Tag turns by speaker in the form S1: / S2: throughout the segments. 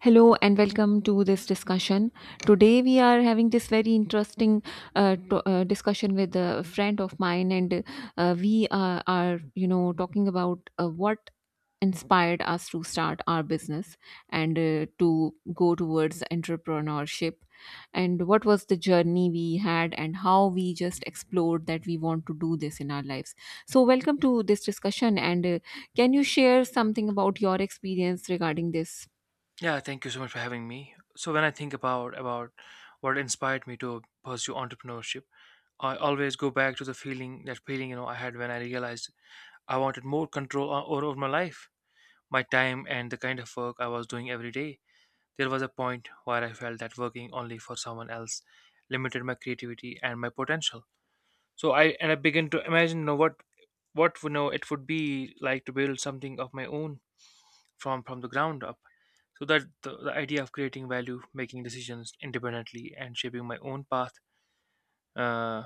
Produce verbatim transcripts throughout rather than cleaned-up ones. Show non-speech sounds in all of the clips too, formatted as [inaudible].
S1: Hello and welcome to this discussion. Today we are having this very interesting uh, to, uh, discussion with a friend of mine, and uh, we are, are, you know, talking about uh, what inspired us to start our business and uh, to go towards entrepreneurship, and what was the journey we had, and how we just explored that we want to do this in our lives. So, welcome to this discussion, and uh, can you share something about your experience regarding this?
S2: Yeah, thank you so much for having me. So when I think about about what inspired me to pursue entrepreneurship, I always go back to the feeling that feeling you know I had when I realized I wanted more control o- over my life, my time, and the kind of work I was doing every day. There was a point where I felt that working only for someone else limited my creativity and my potential. So I and I began to imagine you know what what you know it would be like to build something of my own from from the ground up, so that the, the idea of creating value, making decisions independently, and shaping my own path uh,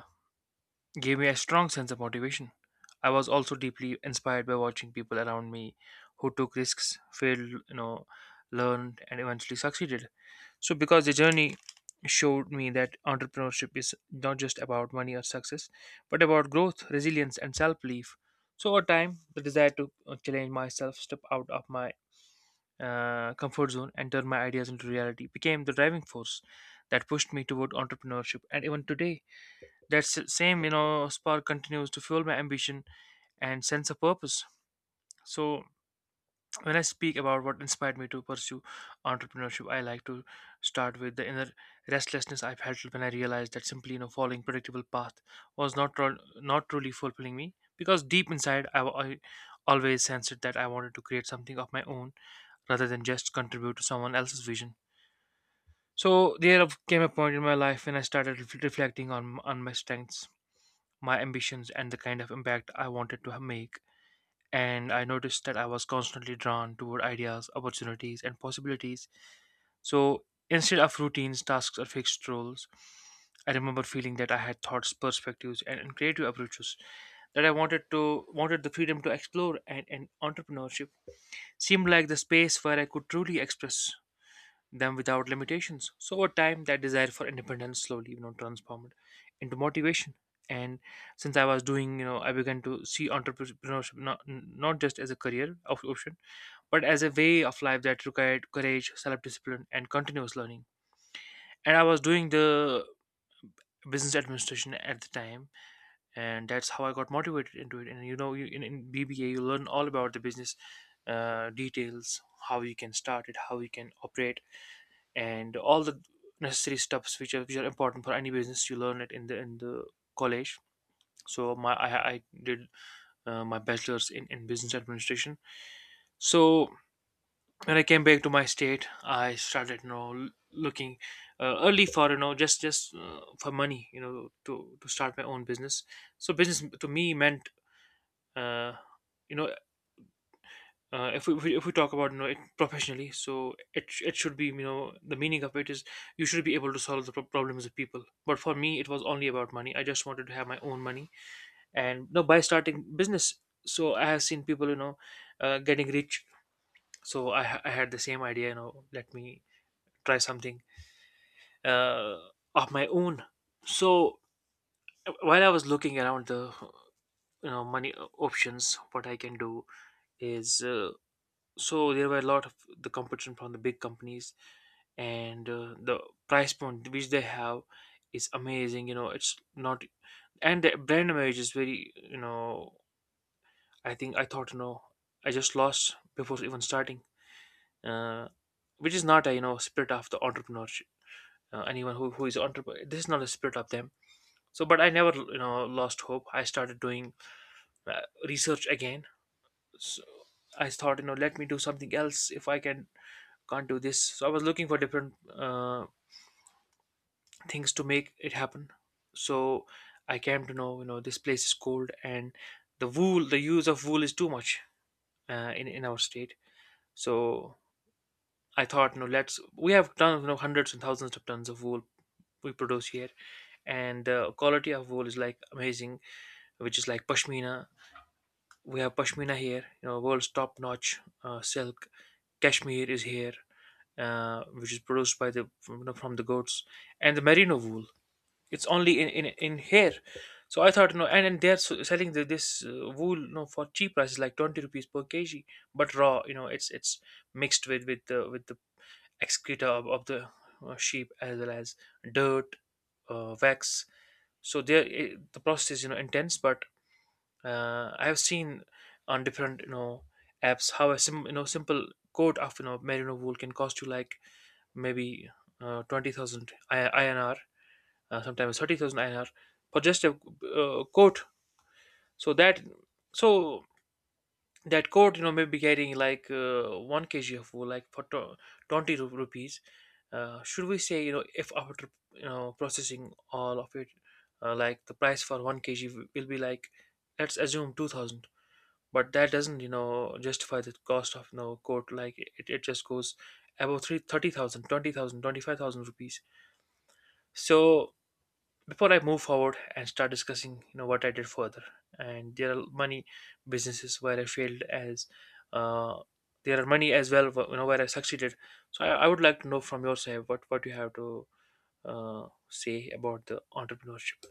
S2: gave me a strong sense of motivation. I was also deeply inspired by watching people around me who took risks, failed you know learned, and eventually succeeded. So because the journey showed me that entrepreneurship is not just about money or success, but about growth, resilience, and self-belief. So over time, the desire to uh, challenge myself, step out of my uh, comfort zone, and turn my ideas into reality became the driving force that pushed me toward entrepreneurship. And even today, that s- same you know spark continues to fuel my ambition and sense of purpose. So when I speak about what inspired me to pursue entrepreneurship, I like to start with the inner restlessness I felt when I realized that simply you know following predictable path was not tru- not truly fulfilling me, because deep inside I, wa- I always sensed that I wanted to create something of my own rather than just contribute to someone else's vision. So there came a point in my life when I started ref- reflecting on on my strengths, my ambitions, and the kind of impact I wanted to make. And I noticed that I was constantly drawn toward ideas, opportunities, and possibilities. So instead of routines, tasks, or fixed roles, I remember feeling that I had thoughts, perspectives, and, and creative approaches that I wanted to wanted the freedom to explore, and, and entrepreneurship seemed like the space where I could truly express them without limitations. So over time, that desire for independence slowly you know, transformed into motivation. And since I was doing, you know, I began to see entrepreneurship not not just as a career op- option, but as a way of life that required courage, self-discipline, and continuous learning. And I was doing the business administration at the time, and that's how I got motivated into it. And you know, you, in, in B B A, you learn all about the business uh, details, how you can start it, how you can operate, and all the necessary steps, which are, which are important for any business. You learn it in the in the college. So my i, I did uh, my bachelor's in, in business administration. So when I came back to my state, I started you know l- looking uh, early for, you know just just uh, for money, you know, to to start my own business. So business to me meant, uh, you know uh, if we if we if we talk about you know it professionally, so it sh- it should be, you know, the meaning of it is you should be able to solve the pro- problems of people. But for me, it was only about money. I just wanted to have my own money, and you know, by starting business. So I have seen people, you know uh, getting rich. So I ha- I had the same idea. You know, let me try something uh, of my own. So uh, while I was looking around the you know money uh, options, what I can do is. Uh, so there were a lot of the competition from the big companies, and uh, the price point which they have is amazing, you know, it's not. And the brand image is very, you know, I think I thought, you know, I just lost before even starting, uh, which is not a, you know, spirit of the entrepreneurship. Uh, anyone who, who is entrepreneur, this is not a spirit of them. So but I never, you know, lost hope. I started doing uh, research again. So I thought, you know, let me do something else. If I can can't do this. So I was looking for different uh, things to make it happen. So I came to know, you know, this place is cold, and the wool, the use of wool is too much uh, in in our state. So I thought, you know, let's, we have tons, you know, hundreds and thousands of tons of wool we produce here, and the quality of wool is like amazing, which is like pashmina. We have pashmina here, you know, world's top notch uh, silk. Kashmir is here, uh, which is produced by the from, from the goats, and the merino wool. It's only in in, in here. So I thought, no, and, and they're s- selling the, this uh, wool, no, for cheap prices, like twenty rupees per kilogram, but raw, you know, it's it's mixed with with the with the excreta of, of the uh, sheep, as well as dirt, uh, wax. So there, it, the process is, you know, intense, but uh, I have seen on different, you know, apps how a sim, you know simple coat of, you know, merino wool can cost you like maybe uh, twenty thousand I- INR, uh, sometimes thirty thousand I N R for just a uh, coat. So that so that coat, you know, may be carrying like uh, one kilogram of wool, like for to- twenty ru- rupees. Uh, should we say, you know, if after, you know, processing all of it, uh, like the price for one kilogram will be like, let's assume two thousand, but that doesn't, you know, justify the cost of, you know, coat. Like it, it just goes above three thirty thousand, twenty thousand, twenty five thousand rupees. So before I move forward and start discussing, you know, what I did further, and there are many businesses where I failed as, uh, there are many as well, wh- you know, where I succeeded. So I, I would like to know from your side what what you have to uh, say about the entrepreneurship.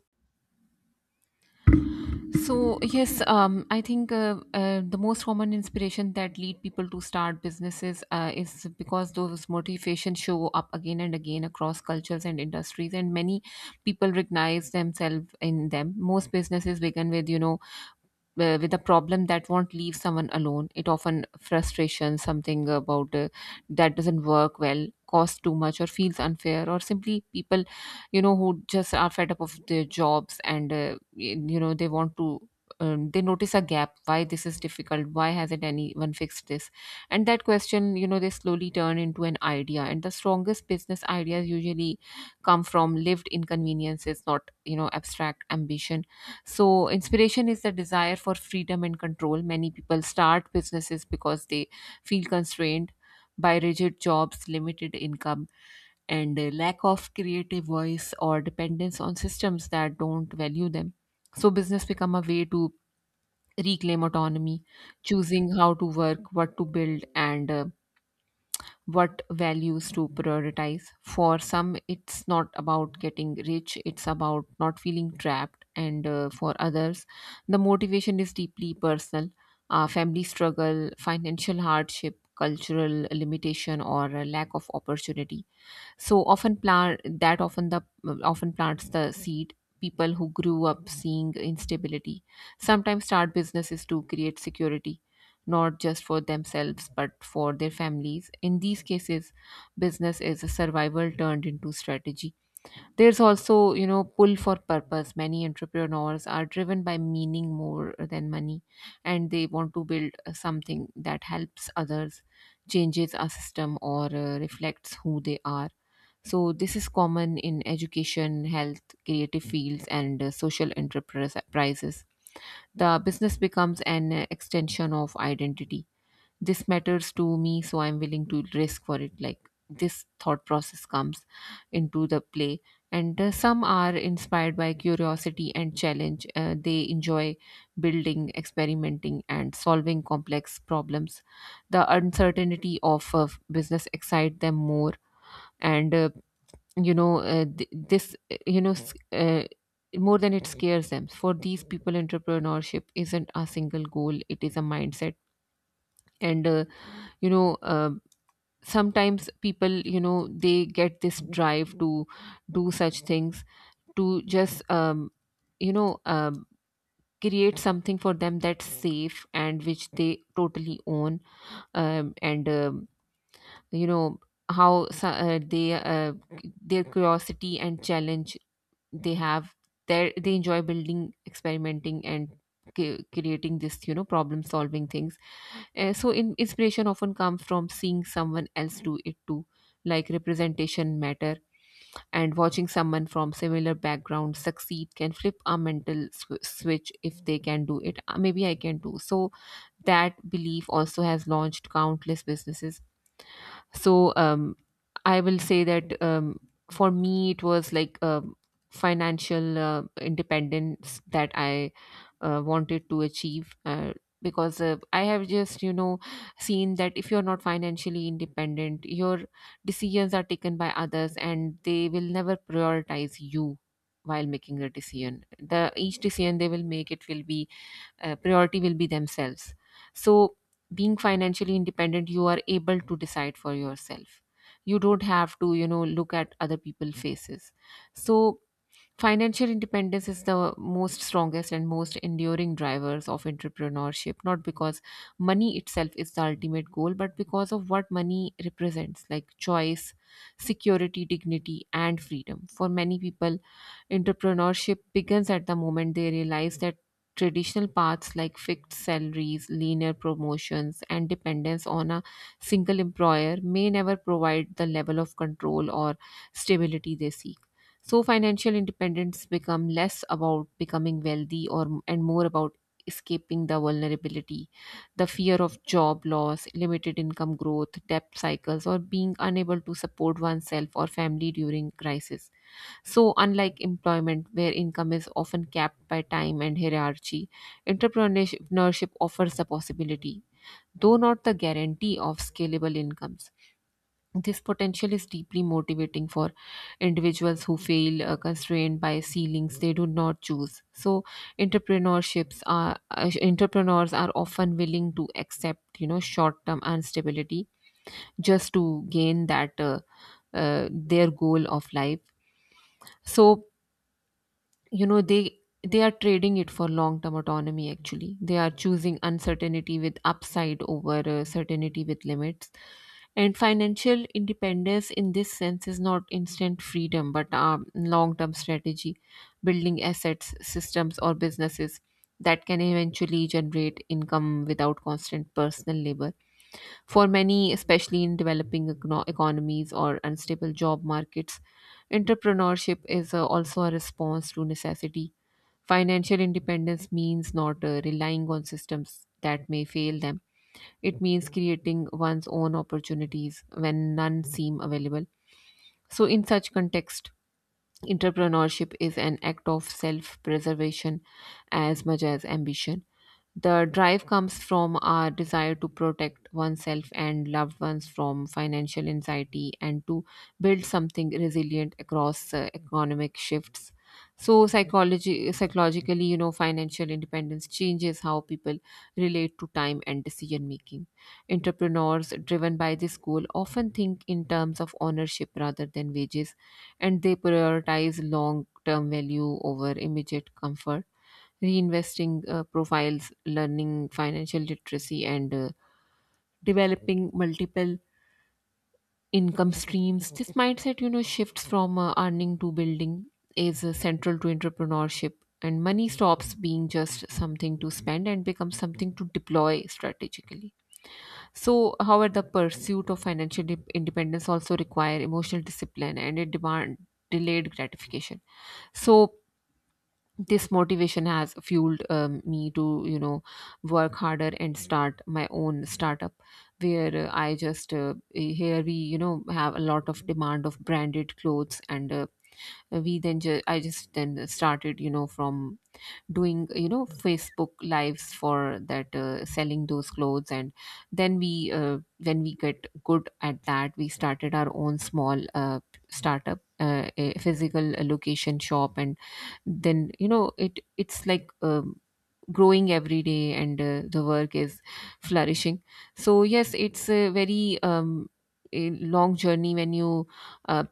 S1: So yes, um, I think uh, uh, the most common inspiration that lead people to start businesses uh, is because those motivations show up again and again across cultures and industries, and many people recognize themselves in them. Most businesses begin with you know uh, with a problem that won't leave someone alone. It often frustration, something about uh, that doesn't work well, costs too much, or feels unfair, or simply people you know who just are fed up of their jobs and uh, y- you know they want to um, they notice a gap. Why this is difficult? Why hasn't anyone fixed this? And that question, you know, they slowly turn into an idea, and the strongest business ideas usually come from lived inconveniences, not you know abstract ambition. So inspiration is the desire for freedom and control. Many people start businesses because they feel constrained by rigid jobs, limited income, and a lack of creative voice, or dependence on systems that don't value them. So business become a way to reclaim autonomy, choosing how to work, what to build, and uh, what values to prioritize. For some, it's not about getting rich; it's about not feeling trapped. And uh, for others, the motivation is deeply personal. Uh, family struggle, financial hardship, cultural limitation, or a lack of opportunity so often plant that often the often plants the seed. People who grew up seeing instability sometimes start businesses to create security, not just for themselves but for their families. In these cases, business is a survival turned into strategy. There's also, you know, pull for purpose. Many entrepreneurs are driven by meaning more than money, and they want to build something that helps others, changes a system, or uh, reflects who they are. So this is common in education, health, creative fields, and uh, social enterprises. The business becomes an uh, extension of identity. This matters to me, so I'm willing to risk for it. Like, this thought process comes into the play. And uh, some are inspired by curiosity and challenge. Uh, they enjoy building, experimenting, and solving complex problems. The uncertainty of uh, business excite them more and uh, you know uh, th- this uh, you know s- uh, more than it scares them. For these people, entrepreneurship isn't a single goal, it is a mindset. And uh, you know uh, sometimes people, you know, they get this drive to do such things to just um, you know um, create something for them that's safe and which they totally own. Um, and um, you know how so- uh, they uh, their curiosity and challenge they have, they they enjoy building, experimenting, and cre- creating this, you know, problem solving things. Uh, so in, inspiration often comes from seeing someone else do it too. Like, representation matter, and watching someone from similar background succeed can flip our mental sw- switch. If they can do it, uh, maybe I can do. So that belief also has launched countless businesses. So um, I will say that um, for me it was like, um, financial uh, independence that I uh, wanted to achieve, uh, because uh, I have just, you know, seen that if you're not financially independent, your decisions are taken by others, and they will never prioritize you. While making the decision, the each decision they will make, it will be uh, priority will be themselves. So being financially independent, you are able to decide for yourself. You don't have to, you know, look at other people's faces. So financial independence is the most strongest and most enduring drivers of entrepreneurship, not because money itself is the ultimate goal, but because of what money represents, like choice, security, dignity, and freedom. For many people, entrepreneurship begins at the moment they realize that traditional paths like fixed salaries, linear promotions, and dependence on a single employer may never provide the level of control or stability they seek. So, financial independence become less about becoming wealthy or and more about escaping the vulnerability, the fear of job loss, limited income growth, debt cycles, or being unable to support oneself or family during crisis. So, unlike employment, where income is often capped by time and hierarchy, entrepreneurship offers the possibility, though not the guarantee, of scalable incomes. This potential is deeply motivating for individuals who feel uh, constrained by ceilings they do not choose. So, entrepreneurships are uh, entrepreneurs are often willing to accept, you know, short-term instability just to gain that uh, uh, their goal of life. So, you know, they they are trading it for long term autonomy. Actually, they are choosing uncertainty with upside over uh, certainty with limits. And financial independence in this sense is not instant freedom but, um, long term strategy, building assets, systems, or businesses that can eventually generate income without constant personal labor. For many, especially in developing econo- economies or unstable job markets, entrepreneurship is uh, also a response to necessity. Financial independence means not uh, relying on systems that may fail them. It means creating one's own opportunities when none seem available. So, in such context, entrepreneurship is an act of self preservation as much as ambition. The drive comes from our desire to protect oneself and loved ones from financial anxiety and to build something resilient across uh, economic shifts. So, psychology, psychologically, you know, financial independence changes how people relate to time and decision making. Entrepreneurs driven by this goal often think in terms of ownership rather than wages, and they prioritize long term value over immediate comfort. Reinvesting uh, profiles, learning financial literacy, and uh, developing multiple income streams. This mindset, you know, shifts from uh, earning to building is uh, central to entrepreneurship. And money stops being just something to spend and becomes something to deploy strategically. So, however, the pursuit of financial dep- independence also require emotional discipline, and it demand delayed gratification. So, this motivation has fueled, um, me to, you know, work harder and start my own startup, where uh, I just, uh, here we, you know, have a lot of demand of branded clothes, and uh, we then ju- I just then started, you know, from doing, you know, Facebook lives for that, uh, selling those clothes. And then we, uh, when we get good at that, we started our own small uh, startup, uh, a physical location shop. And then, you know, it it's like, um, growing every day, and uh, the work is flourishing. So yes, it's a very, um, a long journey. When you uh,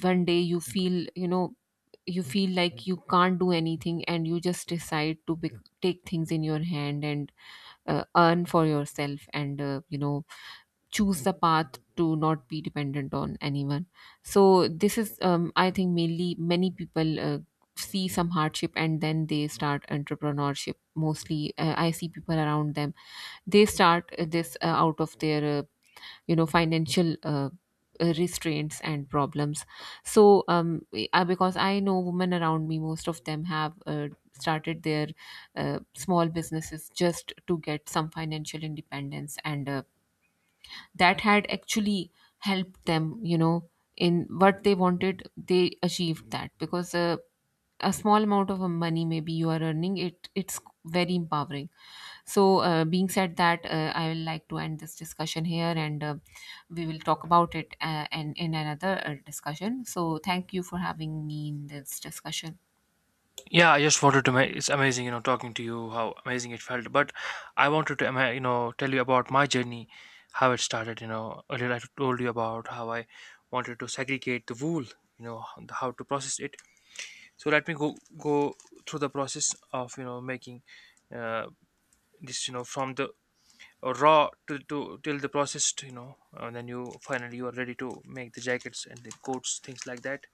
S1: one day, you feel, you know, you feel like you can't do anything, and you just decide to bec take things in your hand and uh, earn for yourself and, uh, you know, choose the path to not be dependent on anyone. So this is, um, I think, mainly many people uh, see some hardship and then they start entrepreneurship. Mostly, uh, I see people around them, they start uh, this uh, out of their uh, you know financial uh, uh, restraints and problems. So um I, because I know women around me, most of them have uh, started their uh, small businesses just to get some financial independence. And uh, that had actually helped them, you know, in what they wanted. They achieved that because uh, a small amount of uh, money, maybe you are earning it, it's very empowering. So uh, being said that, uh, I will like to end this discussion here and, uh, we will talk about it uh, and in another uh, discussion. So thank you for having me in this discussion.
S2: Yeah, I just wanted to make, it's amazing, you know, talking to you, how amazing it felt. But I wanted to, ama- you know, tell you about my journey, how it started. You know, earlier I told you about how I wanted to segregate the wool, you know, h- how to process it. So let me go go through the process of, you know, making uh, this, you know, from the raw to, to till the processed, you know, and then you finally, you are ready to make the jackets and the coats, things like that.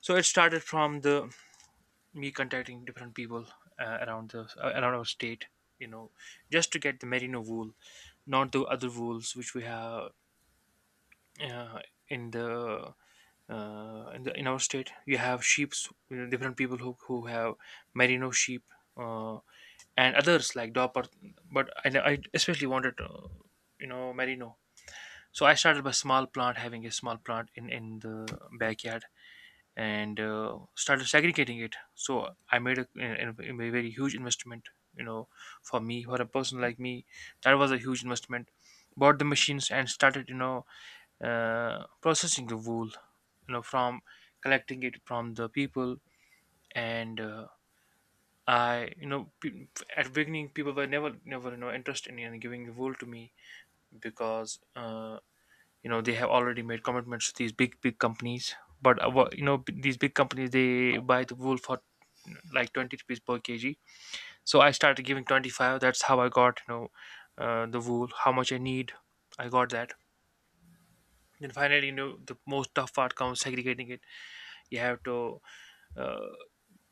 S2: So it started from the me contacting different people uh, around the uh, around our state, you know, just to get the merino wool, not the other wools which we have uh, in the uh, in the in our state. You have sheep's, you know, different people who, who have merino sheep uh. and others like Dopper. But I, I especially wanted, uh, you know, Merino. So I started by small plant, having a small plant in in the backyard, and uh, started segregating it. So I made a, a, a very huge investment. You know, for me, for a person like me, that was a huge investment. Bought the machines and started, you know, uh, processing the wool. You know, from collecting it from the people, and uh, I, you know, pe- at beginning, people were never, never, you know, interested in giving the role to me, because, uh, you know, they have already made commitments to these big, big companies. But uh, wha- you know, b- these big companies, they buy the wool for like twenty rupees per kilogram. So I started giving twenty five. That's how I got, you know, uh, the wool. How much I need, I got that. Then finally, you know, the most tough part comes, segregating it. You have to uh,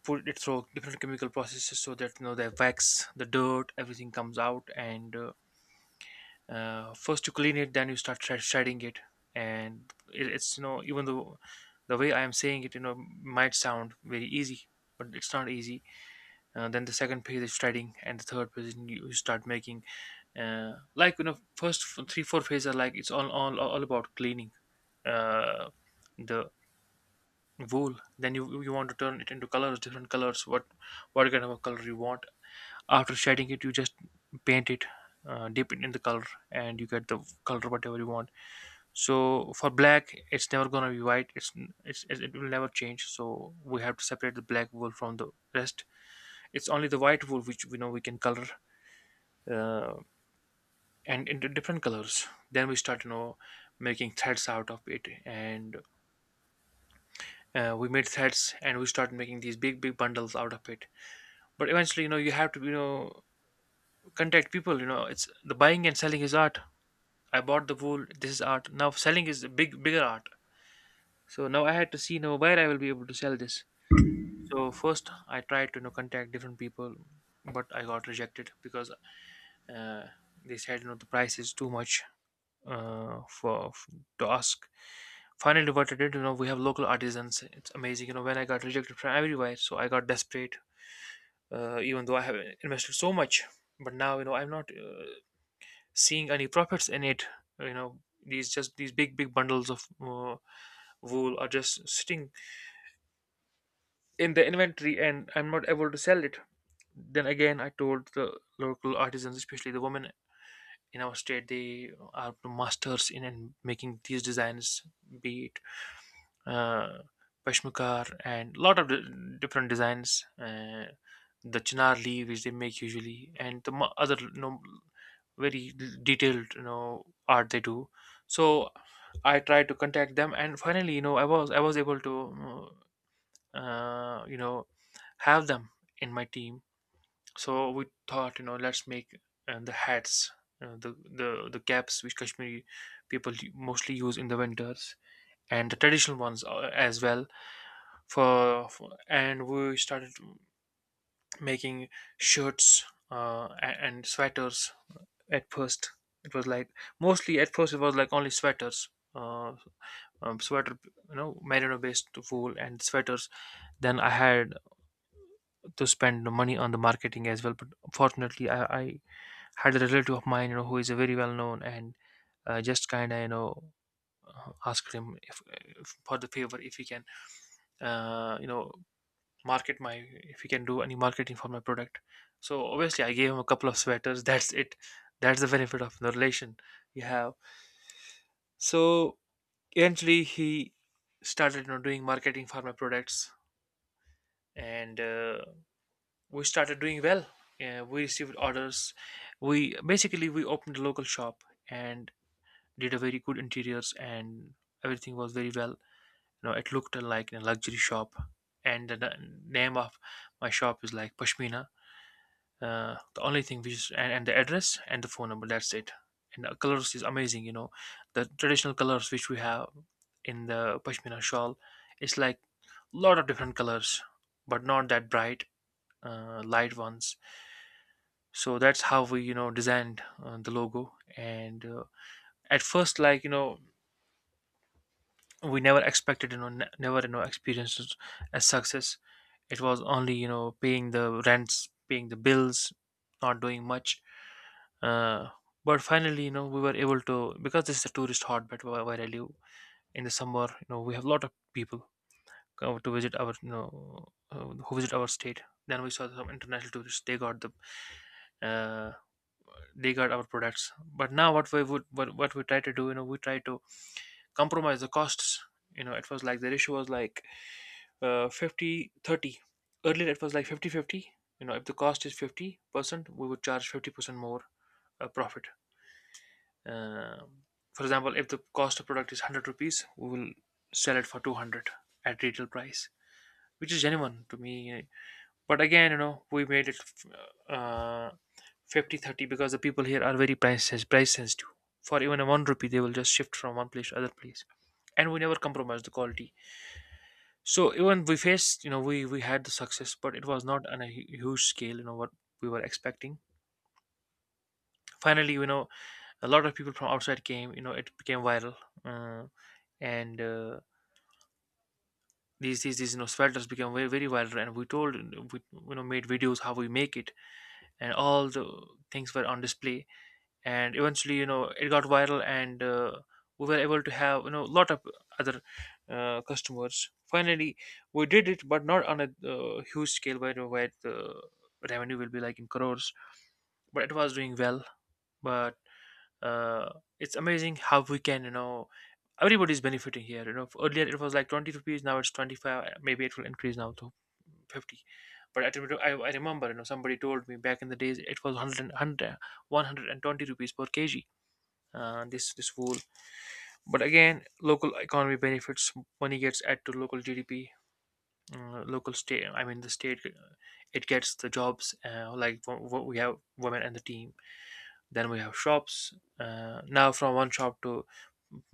S2: put it through different chemical processes so that you know the wax, the dirt, everything comes out. And uh, uh, first you clean it, then you start shred- shredding it. And it, it's you know, even though the way I am saying it, you know, might sound very easy, but it's not easy. Uh, then the second phase is shredding, and the third phase is you you start making, uh, like, you know, first f- three four phases are like it's all all, all about cleaning uh, the wool. Then you you want to turn it into colors, different colors. what what kind of a color you want? After shading it, you just paint it. Uh, dip it in the color, and you get the color, whatever you want. So for black, it's never gonna be white. It's, it's it will never change, so we have to separate the black wool from the rest. It's only the white wool which we know we can color, uh, and into different colors. Then we start, you know, making threads out of it, and uh, we made threads, and we start making these big big bundles out of it. But eventually, you know, you have to, you know, contact people. You know, it's the buying and selling is art. I bought the wool. This is art. Now selling is a big bigger art. So now I had to see now where I will be able to sell this. So first I tried to, you know, contact different people, but I got rejected because, uh, they said, you know, the price is too much uh, for f- to ask. Finally, what I did, you know, we have local artisans. It's amazing, you know, when I got rejected from everywhere, so I got desperate. Uh, even though I have invested so much, but now, you know, I'm not uh, seeing any profits in it. You know, these, just these big big bundles of, Uh, wool are just sitting in the inventory, and I'm not able to sell it. Then again, I told the local artisans, especially the women in our state, they are masters in, in making these designs, be it, uh, peshmikar and lot of di- different designs. Uh, the chinar leaf which they make usually, and the mo- other, you know, very detailed, you know, art they do. So I tried to contact them, and finally, you know, I was I was able to, Uh, you know, have them in my team. So we thought, you know, let's make uh, the hats, uh, the the the caps which Kashmiri people mostly use in the winters, and the traditional ones uh, as well. For, for and we started making shirts, uh, a- and sweaters. uh, At first, it was like, mostly at first it was like only sweaters. Uh, um, Sweater, you know, merino based wool and sweaters. Then I had to spend the money on the marketing as well. But fortunately, I, I had a relative of mine, you know, who is a very well known, and uh, just kind of, you know, uh, asked him if, if for the favor if he can, uh, you know, market my, if he can do any marketing for my product. So obviously, I gave him a couple of sweaters. [laughs] That's it. That's the benefit of the relation you have. So eventually, he started, you know, doing marketing for my products and. Uh, we started doing well. Uh, we received orders. We basically we opened a local shop and did a very good interiors, and everything was very well. You know, it looked like a luxury shop. And the the name of my shop is like Pashmina. Uh, the only thing which is, and, and the address and the phone number. That's it. And the colors is amazing. You know, the traditional colors which we have in the Pashmina shawl, it's like lot of different colors, but not that bright, uh, light ones. So that's how we, you know, designed uh, the logo, and uh, at first, like, you know, we never expected, you know, ne- never, you know, experienced a success. It was only, you know, paying the rents, paying the bills, not doing much, uh, but finally, you know, we were able to, because this is a tourist hotbed where, where I live. In the summer, you know, we have a lot of people come to visit our, you know, uh, who visit our state. Then we saw some international tourists, they got the, uh, they got our products. But now what we would, what, what we try to do, you know, we try to compromise the costs. You know, it was like the ratio was like, uh, fifty thirty. Earlier it was like fifty fifty. You know, if the cost is fifty percent, we would charge fifty percent more uh, profit. Um for example, if the cost of product is one hundred rupees, we will sell it for two hundred at retail price, which is genuine to me. But again, you know, we made it uh, Fifty thirty, because the people here are very price sens- price sensitive. For even a one rupee, they will just shift from one place to other place, and we never compromise the quality. So even we faced, you know, we we had the success, but it was not on a hu- huge scale, you know, what we were expecting. Finally, you know, a lot of people from outside came, you know, it became viral, uh, and uh, these these these, you know, sweaters became very very viral, and we told, we, you know, made videos how we make it, and all the things were on display. And eventually, you know, it got viral, and uh, we were able to have, you know, a lot of other uh, customers. Finally we did it, but not on a uh, huge scale where, where the revenue will be like in crores. But it was doing well. But uh, it's amazing how we can, you know, everybody's benefiting here. You know, earlier it was like twenty rupees, now it's twenty-five, maybe it will increase now to fifty. But I, remember- I, I remember, you know, somebody told me back in the days it was one hundred rupees per kg, uh, this this wool. But again, local economy benefits, money gets added to local gdp, uh, local state, I mean the state, uh, it gets the jobs, uh, like wo- wo- we have women and the team. Then we have shops, uh, now from one shop to,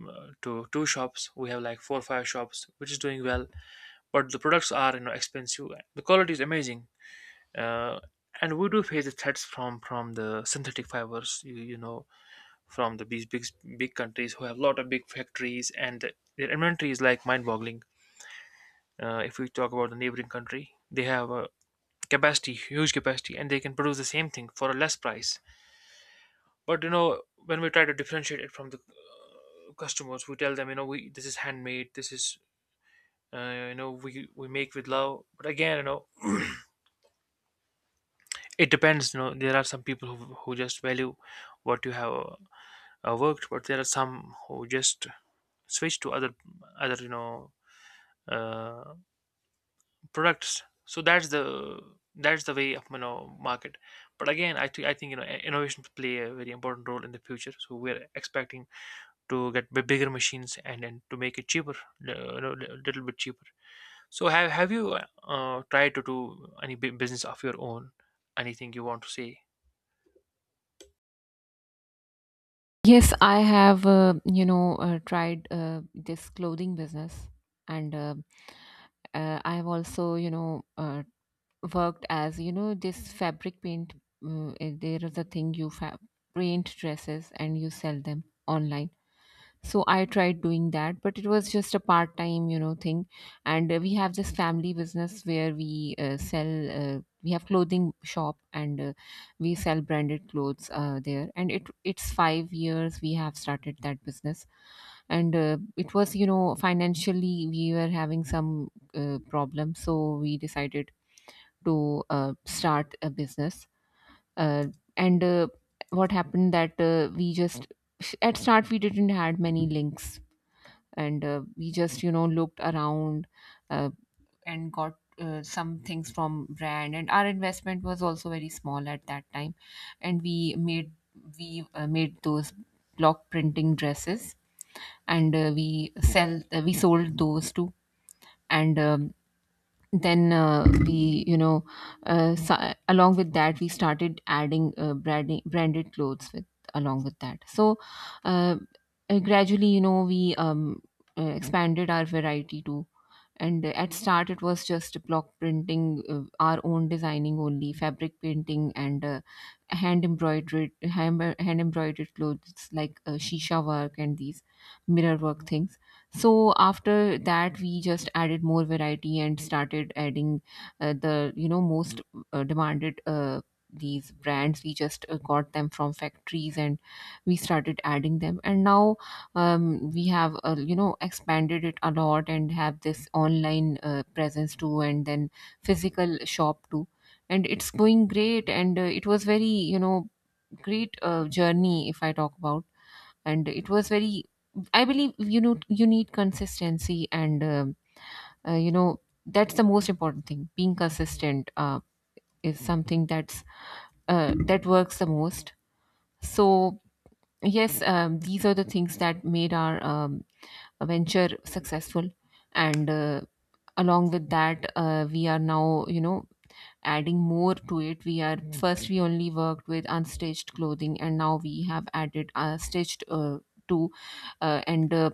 S2: uh, to two shops, we have like four or five shops, which is doing well. But the products are, you know, expensive, the quality is amazing, uh, and we do face the threats from from the synthetic fibers, you, you know, from the big big, big countries who have a lot of big factories, and their inventory is like mind-boggling. Uh, if we talk about the neighboring country, they have a capacity, huge capacity, and they can produce the same thing for a less price. But you know, when we try to differentiate it from the customers, we tell them, you know, we this is handmade, this is uh, you know, we we make with love. But again, you know, it depends. You know, there are some people who who just value what you have uh, worked, but there are some who just switch to other other, you know, uh, products. So that's the, that's the way of, you know, market. But again, i, think I think, you know, i- innovations play a very important role in the future, so we're expecting to get b- bigger machines and then to make it cheaper, li- you know, a little bit cheaper. So have, have you uh, tried to do any bu- business of your own, anything you want to say?
S1: Yes, I have, uh, you know uh, tried uh, this clothing business, and uh, uh, I have also, you know uh, worked as, you know, this fabric paint. Uh, there is a thing you fa- paint dresses and you sell them online. So I tried doing that, but it was just a part time, you know, thing. And uh, we have this family business where we uh, sell uh, we have clothing shop, and uh, we sell branded clothes uh, there, and it it's five years we have started that business. And uh, it was, you know, financially we were having some uh, problem, so we decided to uh, start a business, uh, and uh, what happened that uh, we just, at start we didn't had many links. And uh, we just, you know, looked around uh, and got uh, some things from brand, and our investment was also very small at that time. And we made, we uh, made those block printing dresses. And uh, we sell uh, we sold those too. And um, then, uh, we, you know uh, so, along with that we started adding uh, branding, branded clothes with along with that so uh, uh, Gradually, you know we um, uh, expanded our variety to. And uh, at start it was just block printing, uh, our own designing, only fabric painting, and uh, hand embroidered hand, hand embroidered clothes like uh, shisha work and these mirror work things. So after that we just added more variety and started adding uh, the, you know most uh, demanded, uh, these brands. We just uh, got them from factories, and we started adding them. And now, um, we have, uh, you know expanded it a lot, and have this online uh, presence too, and then physical shop too. And it's going great. And uh, it was very, you know great uh, journey, if I talk about. And it was very. I believe, you know you need consistency. And um uh, you know that's the most important thing. Being consistent uh, is something that's uh, that works the most. So, yes. Um, these are the things that made our, um, venture successful. And uh, along with that, uh, we are now, you know adding more to it. We are First, we only worked with unstitched clothing, and now we have added uh, stitched uh, to, uh, and uh,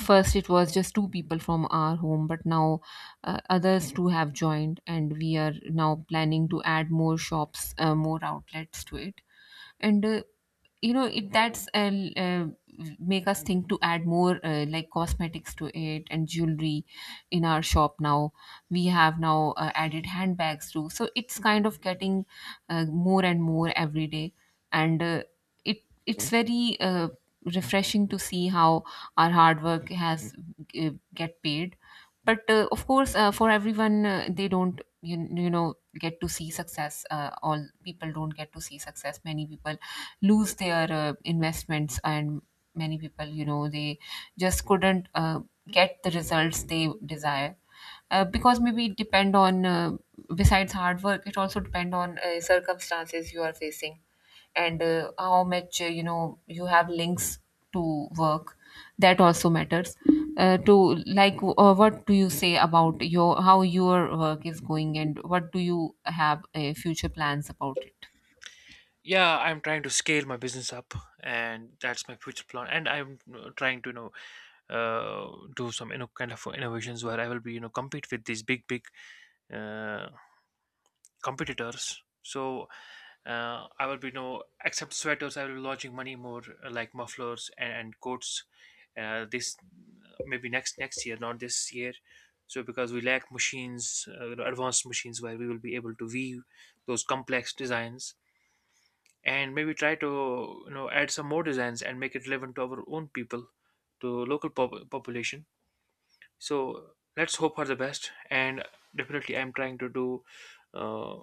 S1: First it was just two people from our home, but now, uh, others too have joined, and we are now planning to add more shops, uh, more outlets to it. And uh, you know it that's uh, l- uh, make us think to add more, uh, like cosmetics to it and jewelry, in our shop now. We have now uh, added handbags too, so it's kind of getting uh, more and more every day. And uh, it it's very uh, refreshing to see how our hard work has uh, get paid. But uh, of course, uh, for everyone, uh, they don't, you, you know get to see success. Uh, all people don't get to see success. Many people lose their uh, investments, and many people, you know they just couldn't uh, get the results they desire. Uh, because maybe it depend on, uh, besides hard work it also depend on uh, circumstances you are facing. And uh, how much, uh, you know you have links to work, that also matters uh, to Like, uh, what do you say about your, how your work is going, and what do you have uh, future plans about it?
S2: Yeah, I'm trying to scale my business up, and that's my future plan. And I'm uh, trying to, you know, uh, do some, you know, kind of innovations where I will be, you know, compete with these big big, uh, competitors. So uh, I will be, you know, except sweaters, I will be launching many more, uh, like mufflers and, and coats, uh, this maybe next next year, not this year. So because we lack machines, uh, you know, advanced machines where we will be able to weave those complex designs. And maybe try to, you know, add some more designs and make it relevant to our own people, to local pop- population. So let's hope for the best. And definitely I'm trying to do, uh,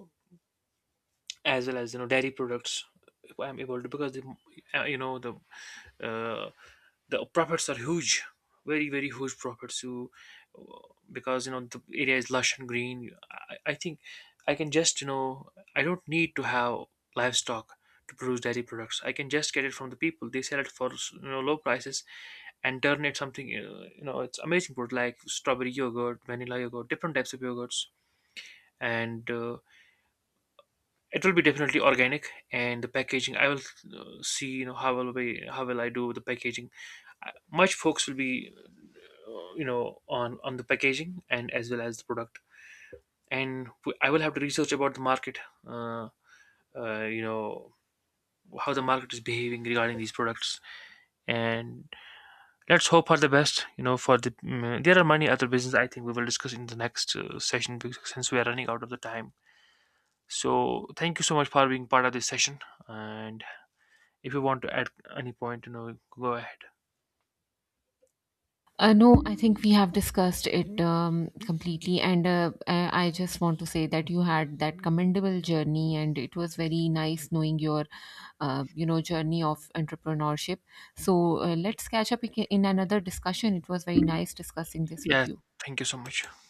S2: as well as, you know, dairy products, if I'm able to. Because the, uh, you know, the, uh, the profits are huge, very very huge profits. You, because you know the area is lush and green. I, I think I can just, you know, I don't need to have livestock to produce dairy products. I can just get it from the people, they sell it for, you know, low prices, and turn it something, uh, you know, it's amazing product, like strawberry yogurt, vanilla yogurt, different types of yogurts. And uh, it will be definitely organic, and the packaging I will, uh, see, you know, how will we, how will I do the packaging. I- much folks will be, uh, you know, on on the packaging and as well as the product. And w- I will have to research about the market, uh, uh, you know, how the market is behaving regarding these products. And let's hope for the best. You know, for the mm, there are many other business, I think we will discuss in the next uh, session, because since we are running out of the time. So thank you so much for being part of this session. And if you want to add any point, you know, go ahead.
S1: Uh, no, I think we have discussed it um, completely. And uh, I I just want to say that you had that commendable journey, and it was very nice knowing your, uh, you know, journey of entrepreneurship. So uh, let's catch up ag- in another discussion. It was very nice discussing this with
S2: Yeah,
S1: you.
S2: thank you so much.